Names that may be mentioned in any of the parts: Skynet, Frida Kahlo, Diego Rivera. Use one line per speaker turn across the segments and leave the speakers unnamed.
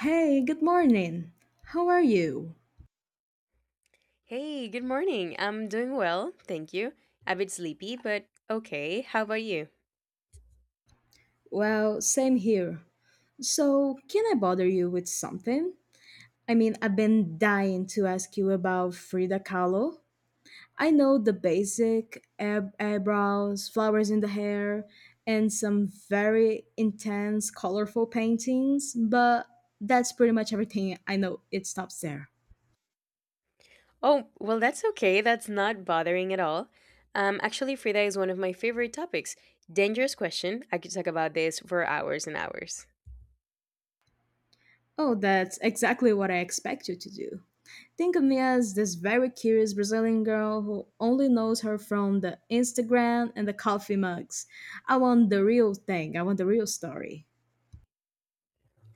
Hey, good morning. How are you?
Hey, good morning. I'm doing well, thank you. A bit sleepy, but okay. How about you?
Well, same here. So, can I bother you with something? I've been dying to ask you about Frida Kahlo. I know the basic eyebrows, flowers in the hair, and some very intense, colorful paintings, but that's pretty much everything I know. It stops there.
Oh, well, that's okay. That's not bothering at all. Actually, Frida is one of my favorite topics. Dangerous question. I could talk about this for hours and hours.
Oh, that's exactly what I expect you to do. Think of me as this very curious Brazilian girl who only knows her from the Instagram and the coffee mugs. I want the real thing, I want the real story.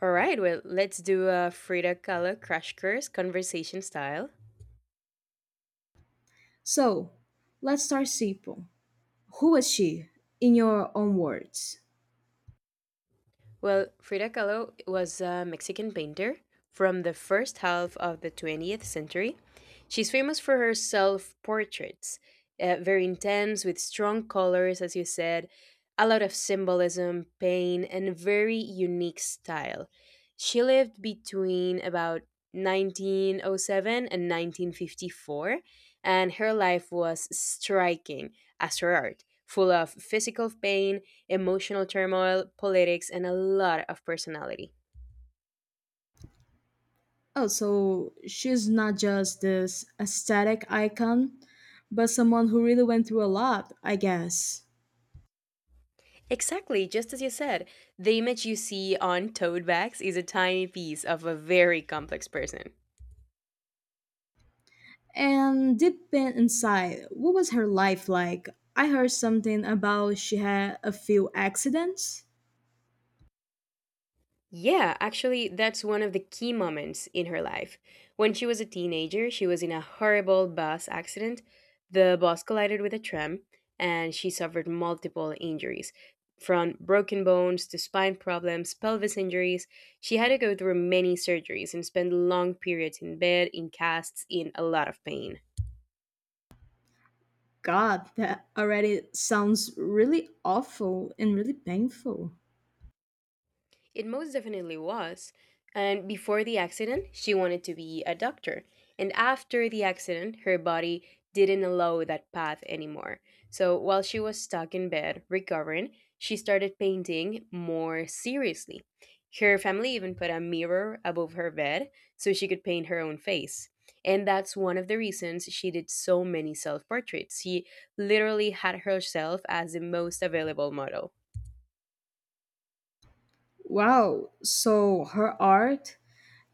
All right, well, let's do a Frida Kahlo crash course conversation style.
So, let's start Sipo. Who was she, in your own words?
Well, Frida Kahlo was a Mexican painter from the first half of the 20th century. She's famous for her self portraits, very intense, with strong colors, as you said, a lot of symbolism, pain, and a very unique style. She lived between about 1907 and 1954, and her life was striking as her art, full of physical pain, emotional turmoil, politics, and a lot of personality.
Oh, so she's not just this aesthetic icon, but someone who really went through a lot, I guess.
Exactly, just as you said, the image you see on tote bags is a tiny piece of a very complex person.
And deep inside, what was her life like? I heard something about she had a few accidents.
Yeah, actually, that's one of the key moments in her life. When she was a teenager, she was in a horrible bus accident. The bus collided with a tram, and she suffered multiple injuries from broken bones to spine problems, pelvis injuries. She had to go through many surgeries and spend long periods in bed, in casts, in a lot of pain.
God, that already sounds really awful and really painful.
It most definitely was. And before the accident, she wanted to be a doctor. And after the accident, her body didn't allow that path anymore. So while she was stuck in bed recovering, she started painting more seriously. Her family even put a mirror above her bed so she could paint her own face. And that's one of the reasons she did so many self portraits. She literally had herself as the most available model.
Wow, so her art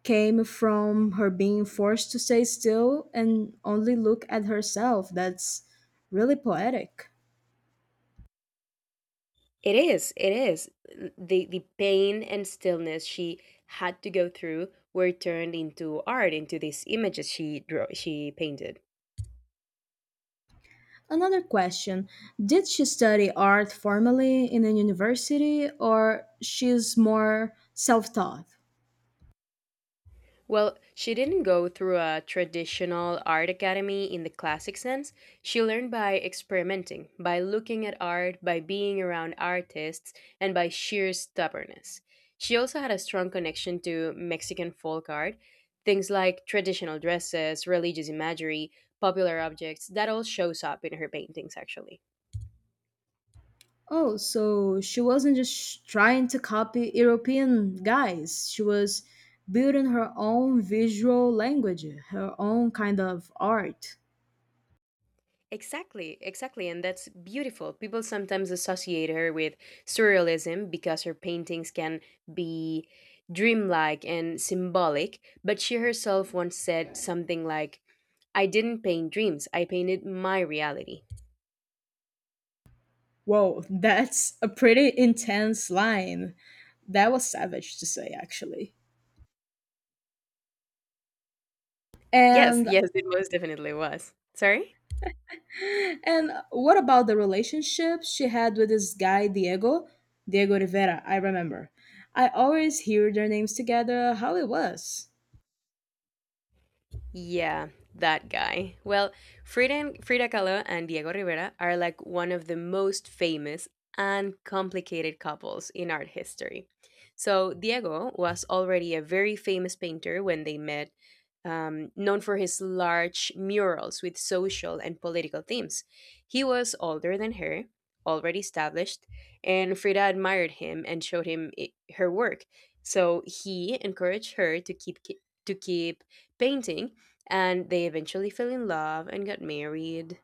came from her being forced to stay still and only look at herself. That's really poetic.
It is. It is. The pain and stillness she had to go through were turned into art, into these images she drew, she painted.
Another question. Did she study art formally in a university, or she's more self taught?
Well, she didn't go through a traditional art academy in the classic sense. She learned by experimenting, by looking at art, by being around artists, and by sheer stubbornness. She also had a strong connection to Mexican folk art, things like traditional dresses, religious imagery, popular objects, that all shows up in her paintings actually.
Oh, so she wasn't just trying to copy European guys. She was building her own visual language, her own kind of art.
Exactly, exactly, and that's beautiful. People sometimes associate her with surrealism because her paintings can be dreamlike and symbolic, but she herself once said something like, "I didn't paint dreams, I painted my reality."
Whoa, that's a pretty intense line. That was savage to say, actually.
Yes,
And
yes, it most definitely was. Sorry?
and what about the relationship she had with this guy Diego, Diego Rivera? I remember. I always hear their names together. How it was?
Yeah, that guy. Well, Frida Kahlo and Diego Rivera are like one of the most famous and complicated couples in art history. So, Diego was already a very famous painter when they met, known for his large murals with social and political themes. He was older than her, already established, and Frida admired him and showed him I her work. So he encouraged her to keep painting, and they eventually fell in love and got married.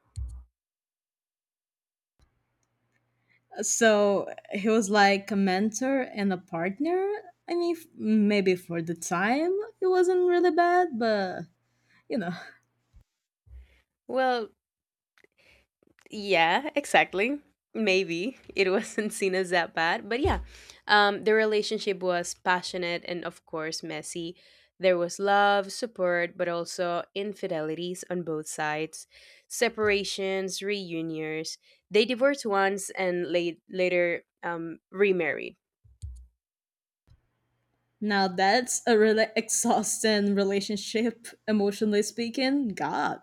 So he was like a mentor and a partner. Maybe for the time it wasn't really bad, but you know,
Well, yeah, exactly. Maybe it wasn't seen as that bad, but yeah, the relationship was passionate and, of course, messy. There was love, support, but also infidelities on both sides, separations, reunions. They divorced once and later, remarried.
now that's a really exhausting relationship, emotionally speaking. God,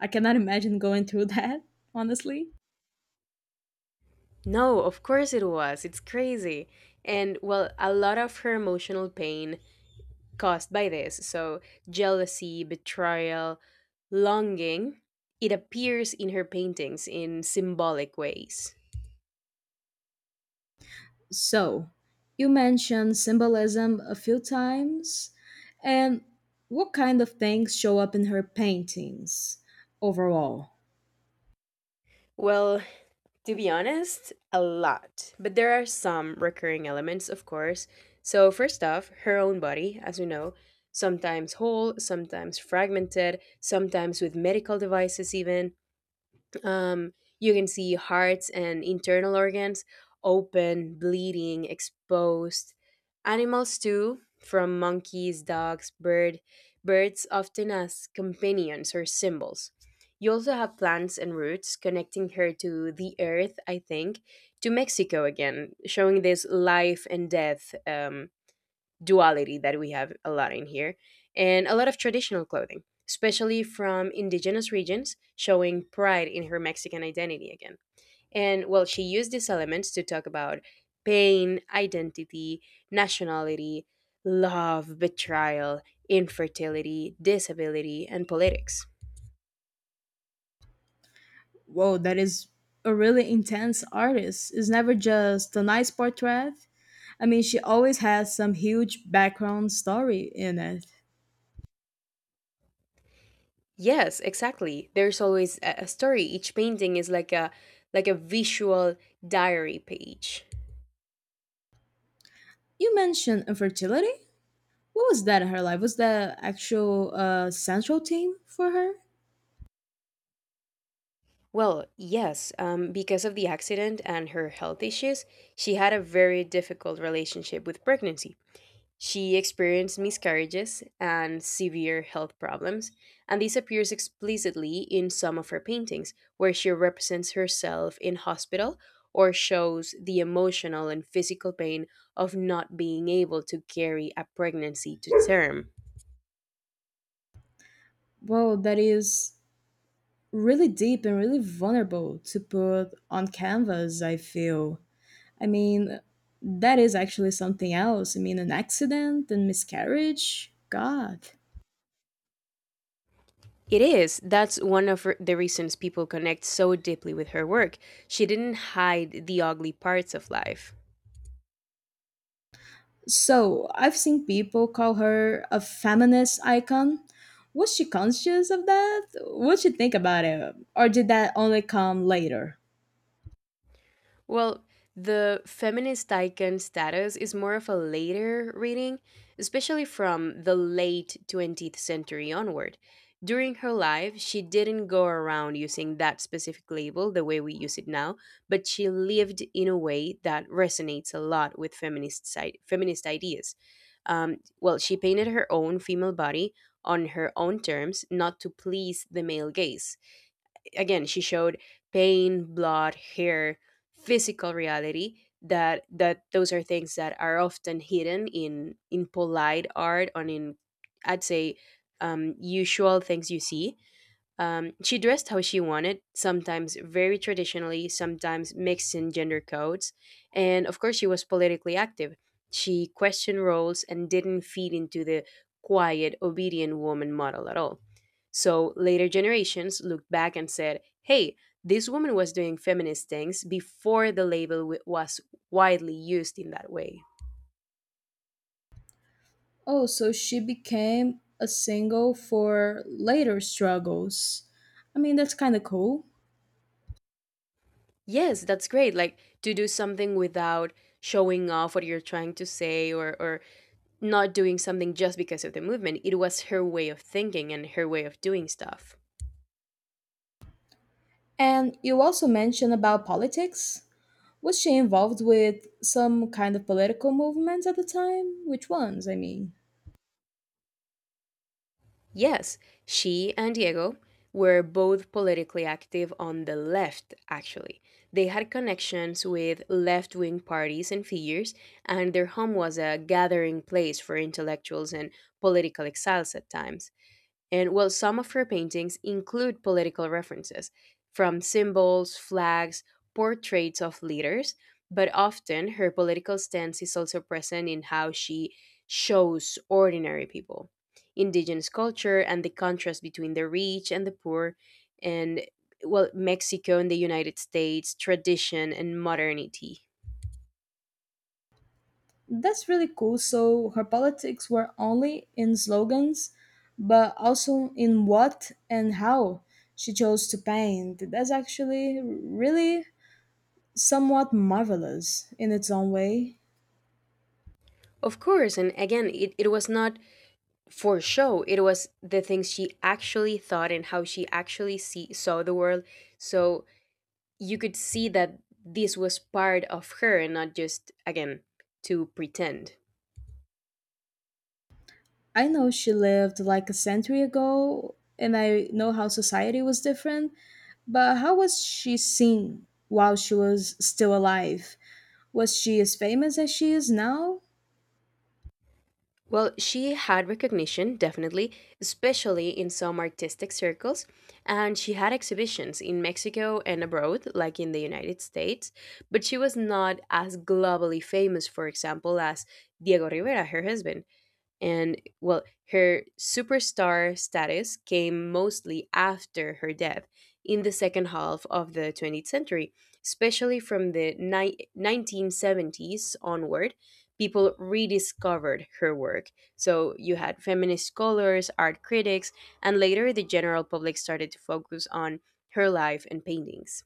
I cannot imagine going through that, honestly.
No, of course it was. It's crazy. And well, a lot of her emotional pain caused by this. So, jealousy, betrayal, longing. It appears in her paintings in symbolic ways.
So, you mentioned symbolism a few times, and what kind of things show up in her paintings overall?
Well, to be honest, a lot. But there are some recurring elements, of course. So, first off, her own body, as we know, sometimes whole, sometimes fragmented, sometimes with medical devices, even. Um, you can see hearts and internal organs open, bleeding, exposed. Animals too, from monkeys, dogs, birds often as companions or symbols. You also have plants and roots connecting her to the earth, I think, to Mexico again, showing this life and death duality that we have a lot in here, and a lot of traditional clothing, especially from indigenous regions, showing pride in her Mexican identity again. And well, she used these elements to talk about pain, identity, nationality, love, betrayal, infertility, disability, and politics.
Whoa, that is a really intense artist. It's never just a nice portrait. She always has some huge background story in it.
Yes, exactly. There's always a story. Each painting is like a visual diary page.
You mentioned infertility. What was that in her life? Was that actual central theme for her?
Well, yes, because of the accident and her health issues, she had a very difficult relationship with pregnancy. She experienced miscarriages and severe health problems, and this appears explicitly in some of her paintings, where she represents herself in hospital or shows the emotional and physical pain of not being able to carry a pregnancy to term.
Whoa, that is really deep and really vulnerable to put on canvas. I feel. I mean, that is actually something else. An accident and miscarriage. God.
It is. That's one of the reasons people connect so deeply with her work. She didn't hide the ugly parts of life.
So I've seen people call her a feminist icon. Was she conscious of that? What'd she think about it? Or did that only come later?
Well, the feminist icon status is more of a later reading, especially from the late 20th century onward. During her life, she didn't go around using that specific label the way we use it now, but she lived in a way that resonates a lot with feminist ideas. Well, she painted her own female body on her own terms, not to please the male gaze. Again, she showed pain, blood, hair, physical reality that those are things that are often hidden in polite art and in, I'd say, usual things you see. She dressed how she wanted, sometimes very traditionally, sometimes mixing gender codes. And of course, she was politically active. She questioned roles and didn't feed into the quiet, obedient woman model at all. So later generations looked back and said, hey, this woman was doing feminist things before the label was widely used in that way.
Oh, so she became a single for later struggles. That's kind of cool.
Yes, that's great. Like to do something without showing off what you're trying to say or not doing something just because of the movement. It was her way of thinking and her way of doing stuff.
And you also mentioned about politics. Was she involved with some kind of political movements at the time? Which ones, I mean?
Yes, she and Diego were both politically active on the left, actually. They had connections with left wing parties and figures, and their home was a gathering place for intellectuals and political exiles at times. And well, some of her paintings include political references, from symbols, flags, portraits of leaders, but often her political stance is also present in how she shows ordinary people, indigenous culture, and the contrast between the rich and the poor, and well, Mexico and the United States, tradition and modernity.
That's really cool. So her politics were only in slogans, but also in what and how she chose to paint. That's actually really somewhat marvelous in its own way.
Of course, and again, it was not for show. It was the things she actually thought and how she actually saw the world, so you could see that this was part of her and not just, again, to pretend.
I know she lived like a century ago, and I know how society was different, but how was she seen while she was still alive? Was she as famous as she is now?
Well, she had recognition, definitely, especially in some artistic circles, and she had exhibitions in Mexico and abroad, like in the United States, but she was not as globally famous, for example, as Diego Rivera, her husband. And well, her superstar status came mostly after her death in the second half of the 20th century, especially from the 1970s onward. People rediscovered her work. So you had feminist scholars, art critics, and later the general public started to focus on her life and paintings.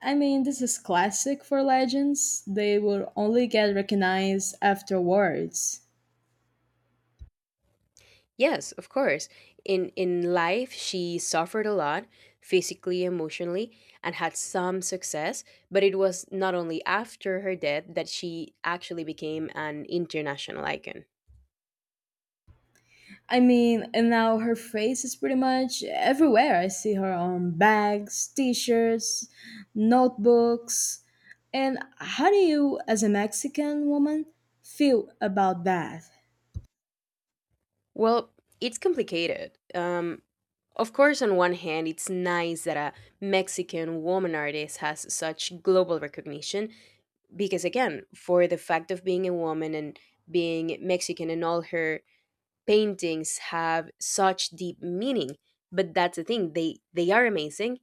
This is classic for legends. They will only get recognized afterwards.
Yes, of course. In life, she suffered a lot, physically, emotionally, and had some success, but it was not only after her death that she actually became an international icon.
And now her face is pretty much everywhere. I see her on bags, t shirts, notebooks. And how do you, as a Mexican woman, feel about that?
Well, it's complicated. Of course, on one hand, it's nice that a Mexican woman artist has such global recognition because, again, for the fact of being a woman and being Mexican and all her paintings have such deep meaning. But that's the thing, they are amazing.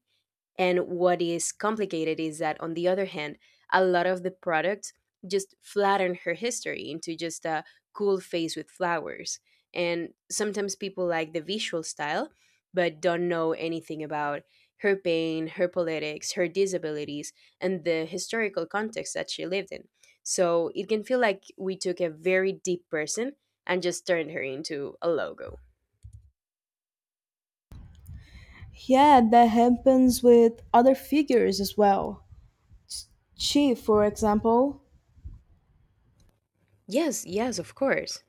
And what is complicated is that, on the other hand, a lot of the products just flatten her history into just a cool face with flowers. And sometimes people like the visual style, but don't know anything about her pain, her politics, her disabilities, and the historical context that she lived in. So it can feel like we took a very deep person and just turned her into a logo.
Yeah, that happens with other figures as well. She, for example,
Yes, yes, of course.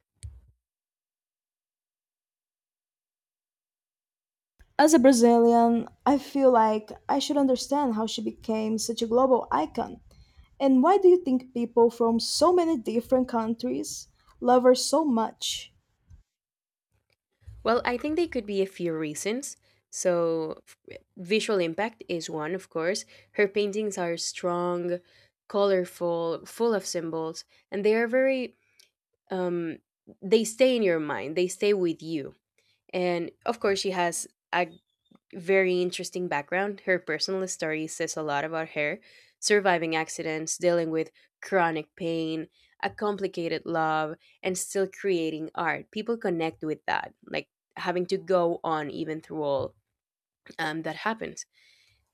as a Brazilian, I feel like I should understand how she became such a global icon. And why do you think people from so many different countries love her so much?
Well, I think they could be a few reasons. So, visual impact is one, of course. Her paintings are strong, colorful, full of symbols, and um, they stay in your mind, they stay with you. And of course, she has a very interesting background. Her personal story says a lot about her surviving accidents, dealing with chronic pain, a complicated love, and still creating art. People connect with that, like having to go on even through all that happens.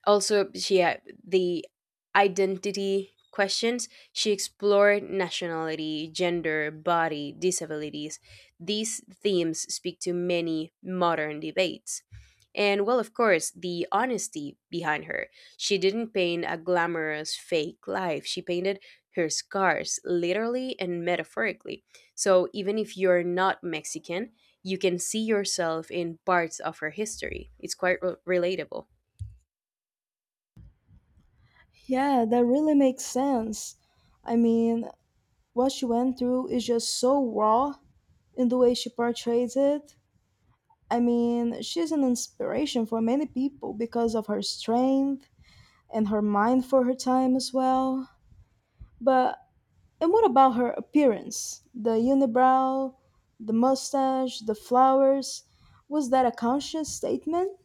Also, she had the identity questions. She explored nationality, gender, body, disabilities. These themes speak to many modern debates. And well, of course, the honesty behind her. She didn't paint a glamorous fake life. She painted her scars, literally and metaphorically. So even if you're not Mexican, you can see yourself in parts of her history. It's quite relatable.
Yeah, that really makes sense. I mean, what she went through is just so raw in the way she portrays it. She's an inspiration for many people because of her strength and her mind for her time as well. But and what about her appearance? The unibrow, the mustache, the flowers. Was that a conscious statement?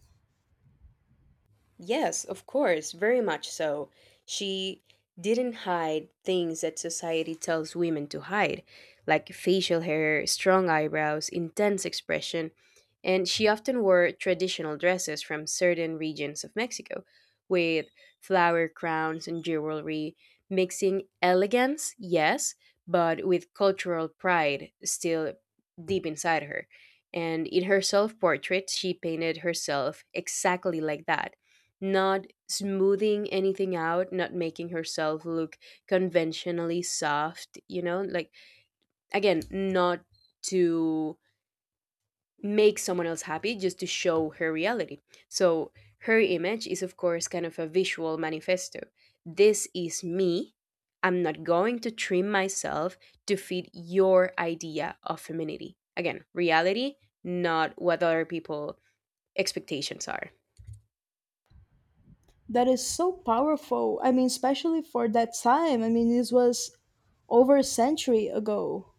Yes, of course, very much so. She didn't hide things that society tells women to hide, like facial hair, strong eyebrows, intense expression, and she often wore traditional dresses from certain regions of Mexico, with flower crowns and jewelry, mixing elegance, yes, but with cultural pride still deep inside her. And in her self portrait, she painted herself exactly like that, not smoothing anything out, not making herself look conventionally soft, Like, again, not to make someone else happy, just to show her reality. So, her image is, of course, kind of a visual manifesto. This is me. I'm not going to trim myself to fit your idea of femininity. Again, reality, not what other people expectations are.
That is so powerful. Especially for that time. This was over a century ago.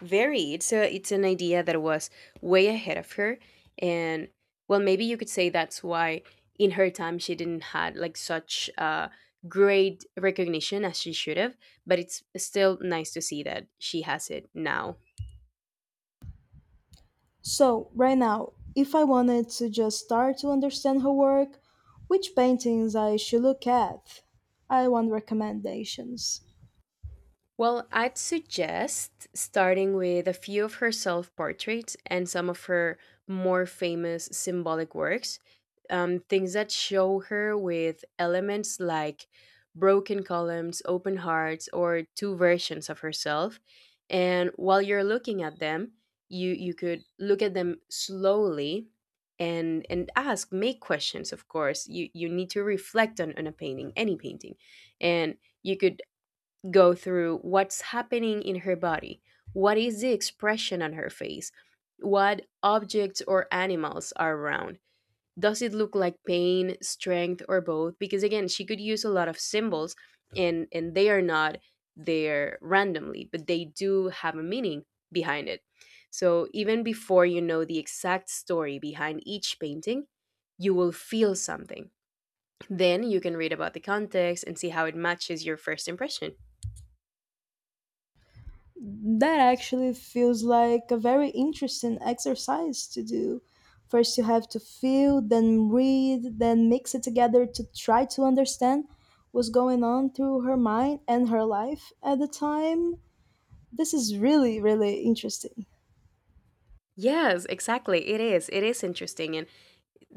Very. It's an idea that was way ahead of her, and well, maybe you could say that's why in her time she didn't had like such great recognition as she should have. But it's still nice to see that she has it now.
So, right now, if I wanted to just start to understand her work, which paintings I should look at? I want recommendations.
Well, I'd suggest starting with a few of her self portraits and some of her more famous symbolic works, things that show her with elements like broken columns, open hearts, or two versions of herself. And while you're looking at them, you could look at them slowly and ask, make questions. Of course you need to reflect on a painting, any painting, and you could go through what's happening in her body, what is the expression on her face, what objects or animals are around. Does it look like pain, strength, or both? Because again, she could use a lot of symbols, and they are not there randomly, but they do have a meaning behind it. So even before you know the exact story behind each painting, you will feel something. Then you can read about the context and see how it matches your first impression.
That actually feels like a very interesting exercise to do. First, you have to feel, then read, then mix it together to try to understand what's going on through her mind and her life at the time. This is really, really interesting.
Yes, exactly. It is. It is interesting. And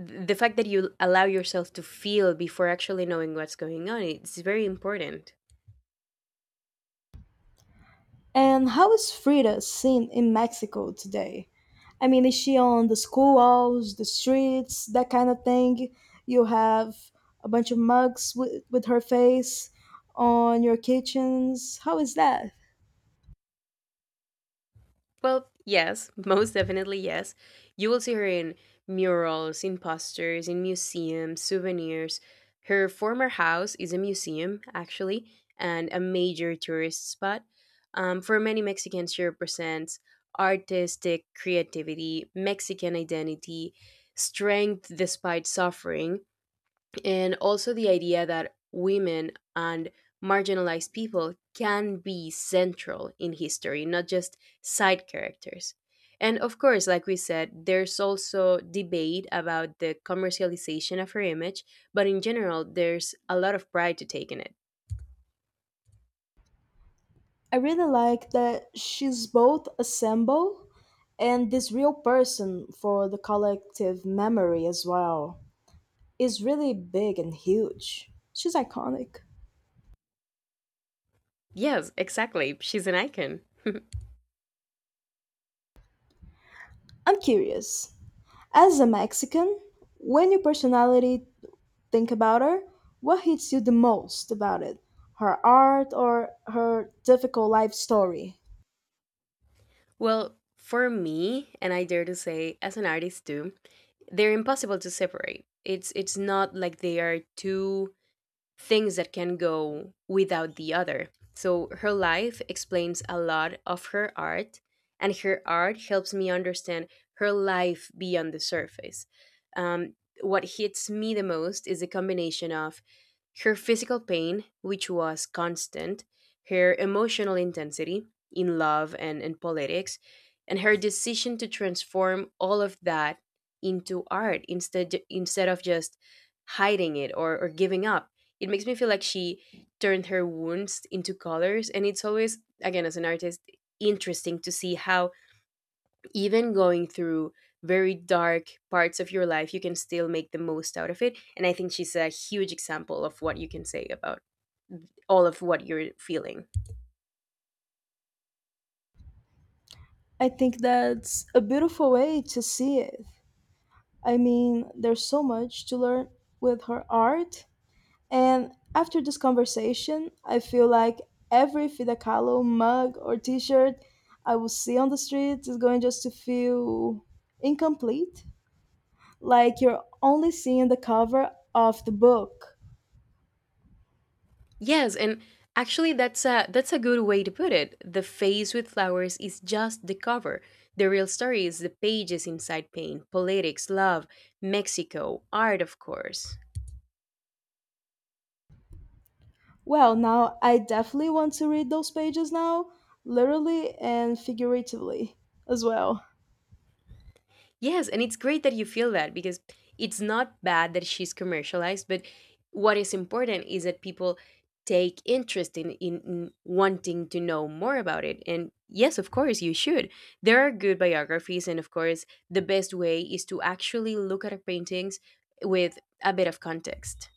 the fact that you allow yourself to feel before actually knowing what's going on, it's very important.
And how is Frida seen in Mexico today? Is she on the school walls, the streets, that kind of thing? You have a bunch of mugs with her face on your kitchens. How is that?
Well, yes, most definitely yes. You will see her in murals, in posters, in museums, souvenirs. Her former house is a museum, actually, and a major tourist spot. For many Mexicans, she represents artistic creativity, Mexican identity, strength despite suffering, and also the idea that women and marginalized people can be central in history, not just side characters. And of course, like we said, there's also debate about the commercialization of her image, but in general, there's a lot of pride to take in it.
I really like that she's both a symbol and this real person for the collective memory as well is really big and huge. She's iconic.
Yes, exactly. She's an icon.
I'm curious. As a Mexican, when your personality think about her, what hits you the most about it? Her art or her difficult life story?
Well, for me, and I dare to say as an artist too, they're impossible to separate. It's not like they are two things that can go without the other. So her life explains a lot of her art, and her art helps me understand her life beyond the surface. Um, what hits me the most is the combination of her physical pain, which was constant, her emotional intensity in love and politics, and her decision to transform all of that into art instead of just hiding it, or giving up. It makes me feel like she turned her wounds into colors, and it's always, again, as an artist, interesting to see how even going through very dark parts of your life you can still make the most out of it. And I think she's a huge example of what you can say about all of what you're feeling.
I think that's a beautiful way to see it. There's so much to learn with her art. And after this conversation, I feel like every Frida Kahlo mug or t shirt I will see on the street is going just to feel incomplete. Like you're only seeing the cover of the book.
Yes, and actually that's a good way to put it. The face with flowers is just the cover. The real story is the pages inside: pain, politics, love, Mexico, art, of course.
Well, now I definitely want to read those pages now, literally and figuratively as well.
Yes, and it's great that you feel that, because it's not bad that she's commercialized, but what is important is that people take interest in, in wanting to know more about it. And yes, of course, you should. There are good biographies, and of course, the best way is to actually look at her paintings with a bit of context.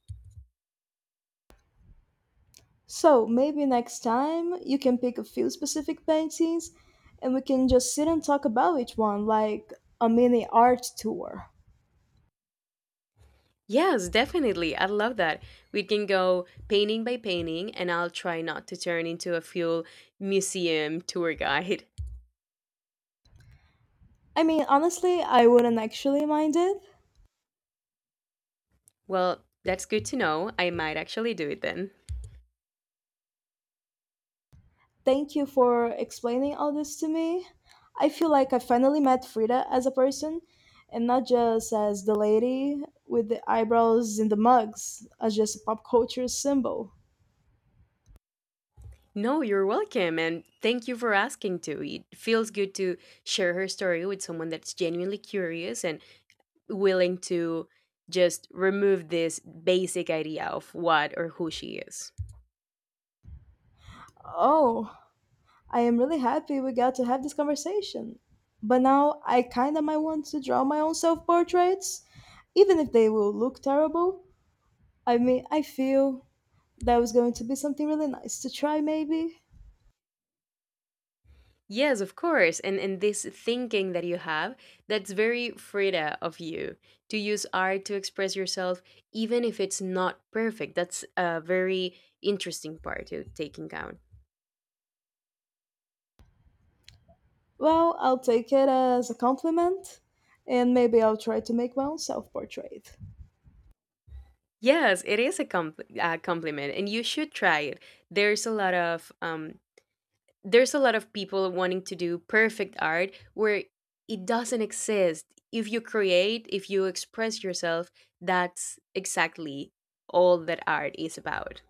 So maybe next time you can pick a few specific paintings and we can just sit and talk about each one like a mini art tour.
Yes, definitely. I love that. We can go painting by painting, and I'll try not to turn into a full museum tour guide.
Honestly, I wouldn't actually mind it.
Well, that's good to know. I might actually do it then.
Thank you for explaining all this to me. I feel like I finally met Frida as a person and not just as the lady with the eyebrows in the mugs, as just a pop culture symbol.
No, you're welcome. And thank you for asking too. It feels good to share her story with someone that's genuinely curious and willing to just remove this basic idea of what or who she is.
Oh, I am really happy we got to have this conversation. But now I kind of might want to draw my own self portraits, even if they will look terrible. I mean, I feel that was going to be something really nice to try, maybe.
Yes, of course. And this thinking that you have, that's very Frida of you, to use art to express yourself even if it's not perfect. That's a very interesting part to take in account.
Well, I'll take it as a compliment, and maybe I'll try to make my own self portrait.
Yes, it is a compliment, and you should try it. There's a lot of there's a lot of people wanting to do perfect art where it doesn't exist. If you create, if you express yourself, that's exactly all that art is about.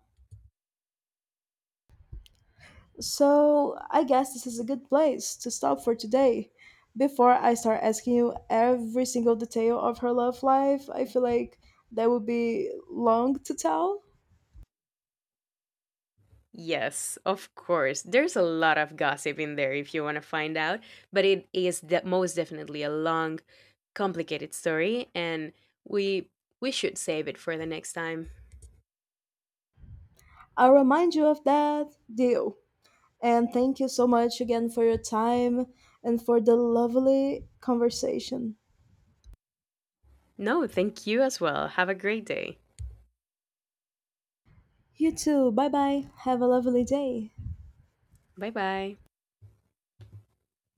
So, I guess this is a good place to stop for today. Before I start asking you every single detail of her love life, I feel like that would be long to tell.
Yes, of course. There's a lot of gossip in there if you want to find out, but it is most definitely a long, complicated story, and we we should save it for the next time.
I'll remind you of that deal. And thank you so much again for your time and for the lovely conversation.
No, thank you as well. Have a great day.
You too. Bye bye. Have a lovely day.
Bye bye.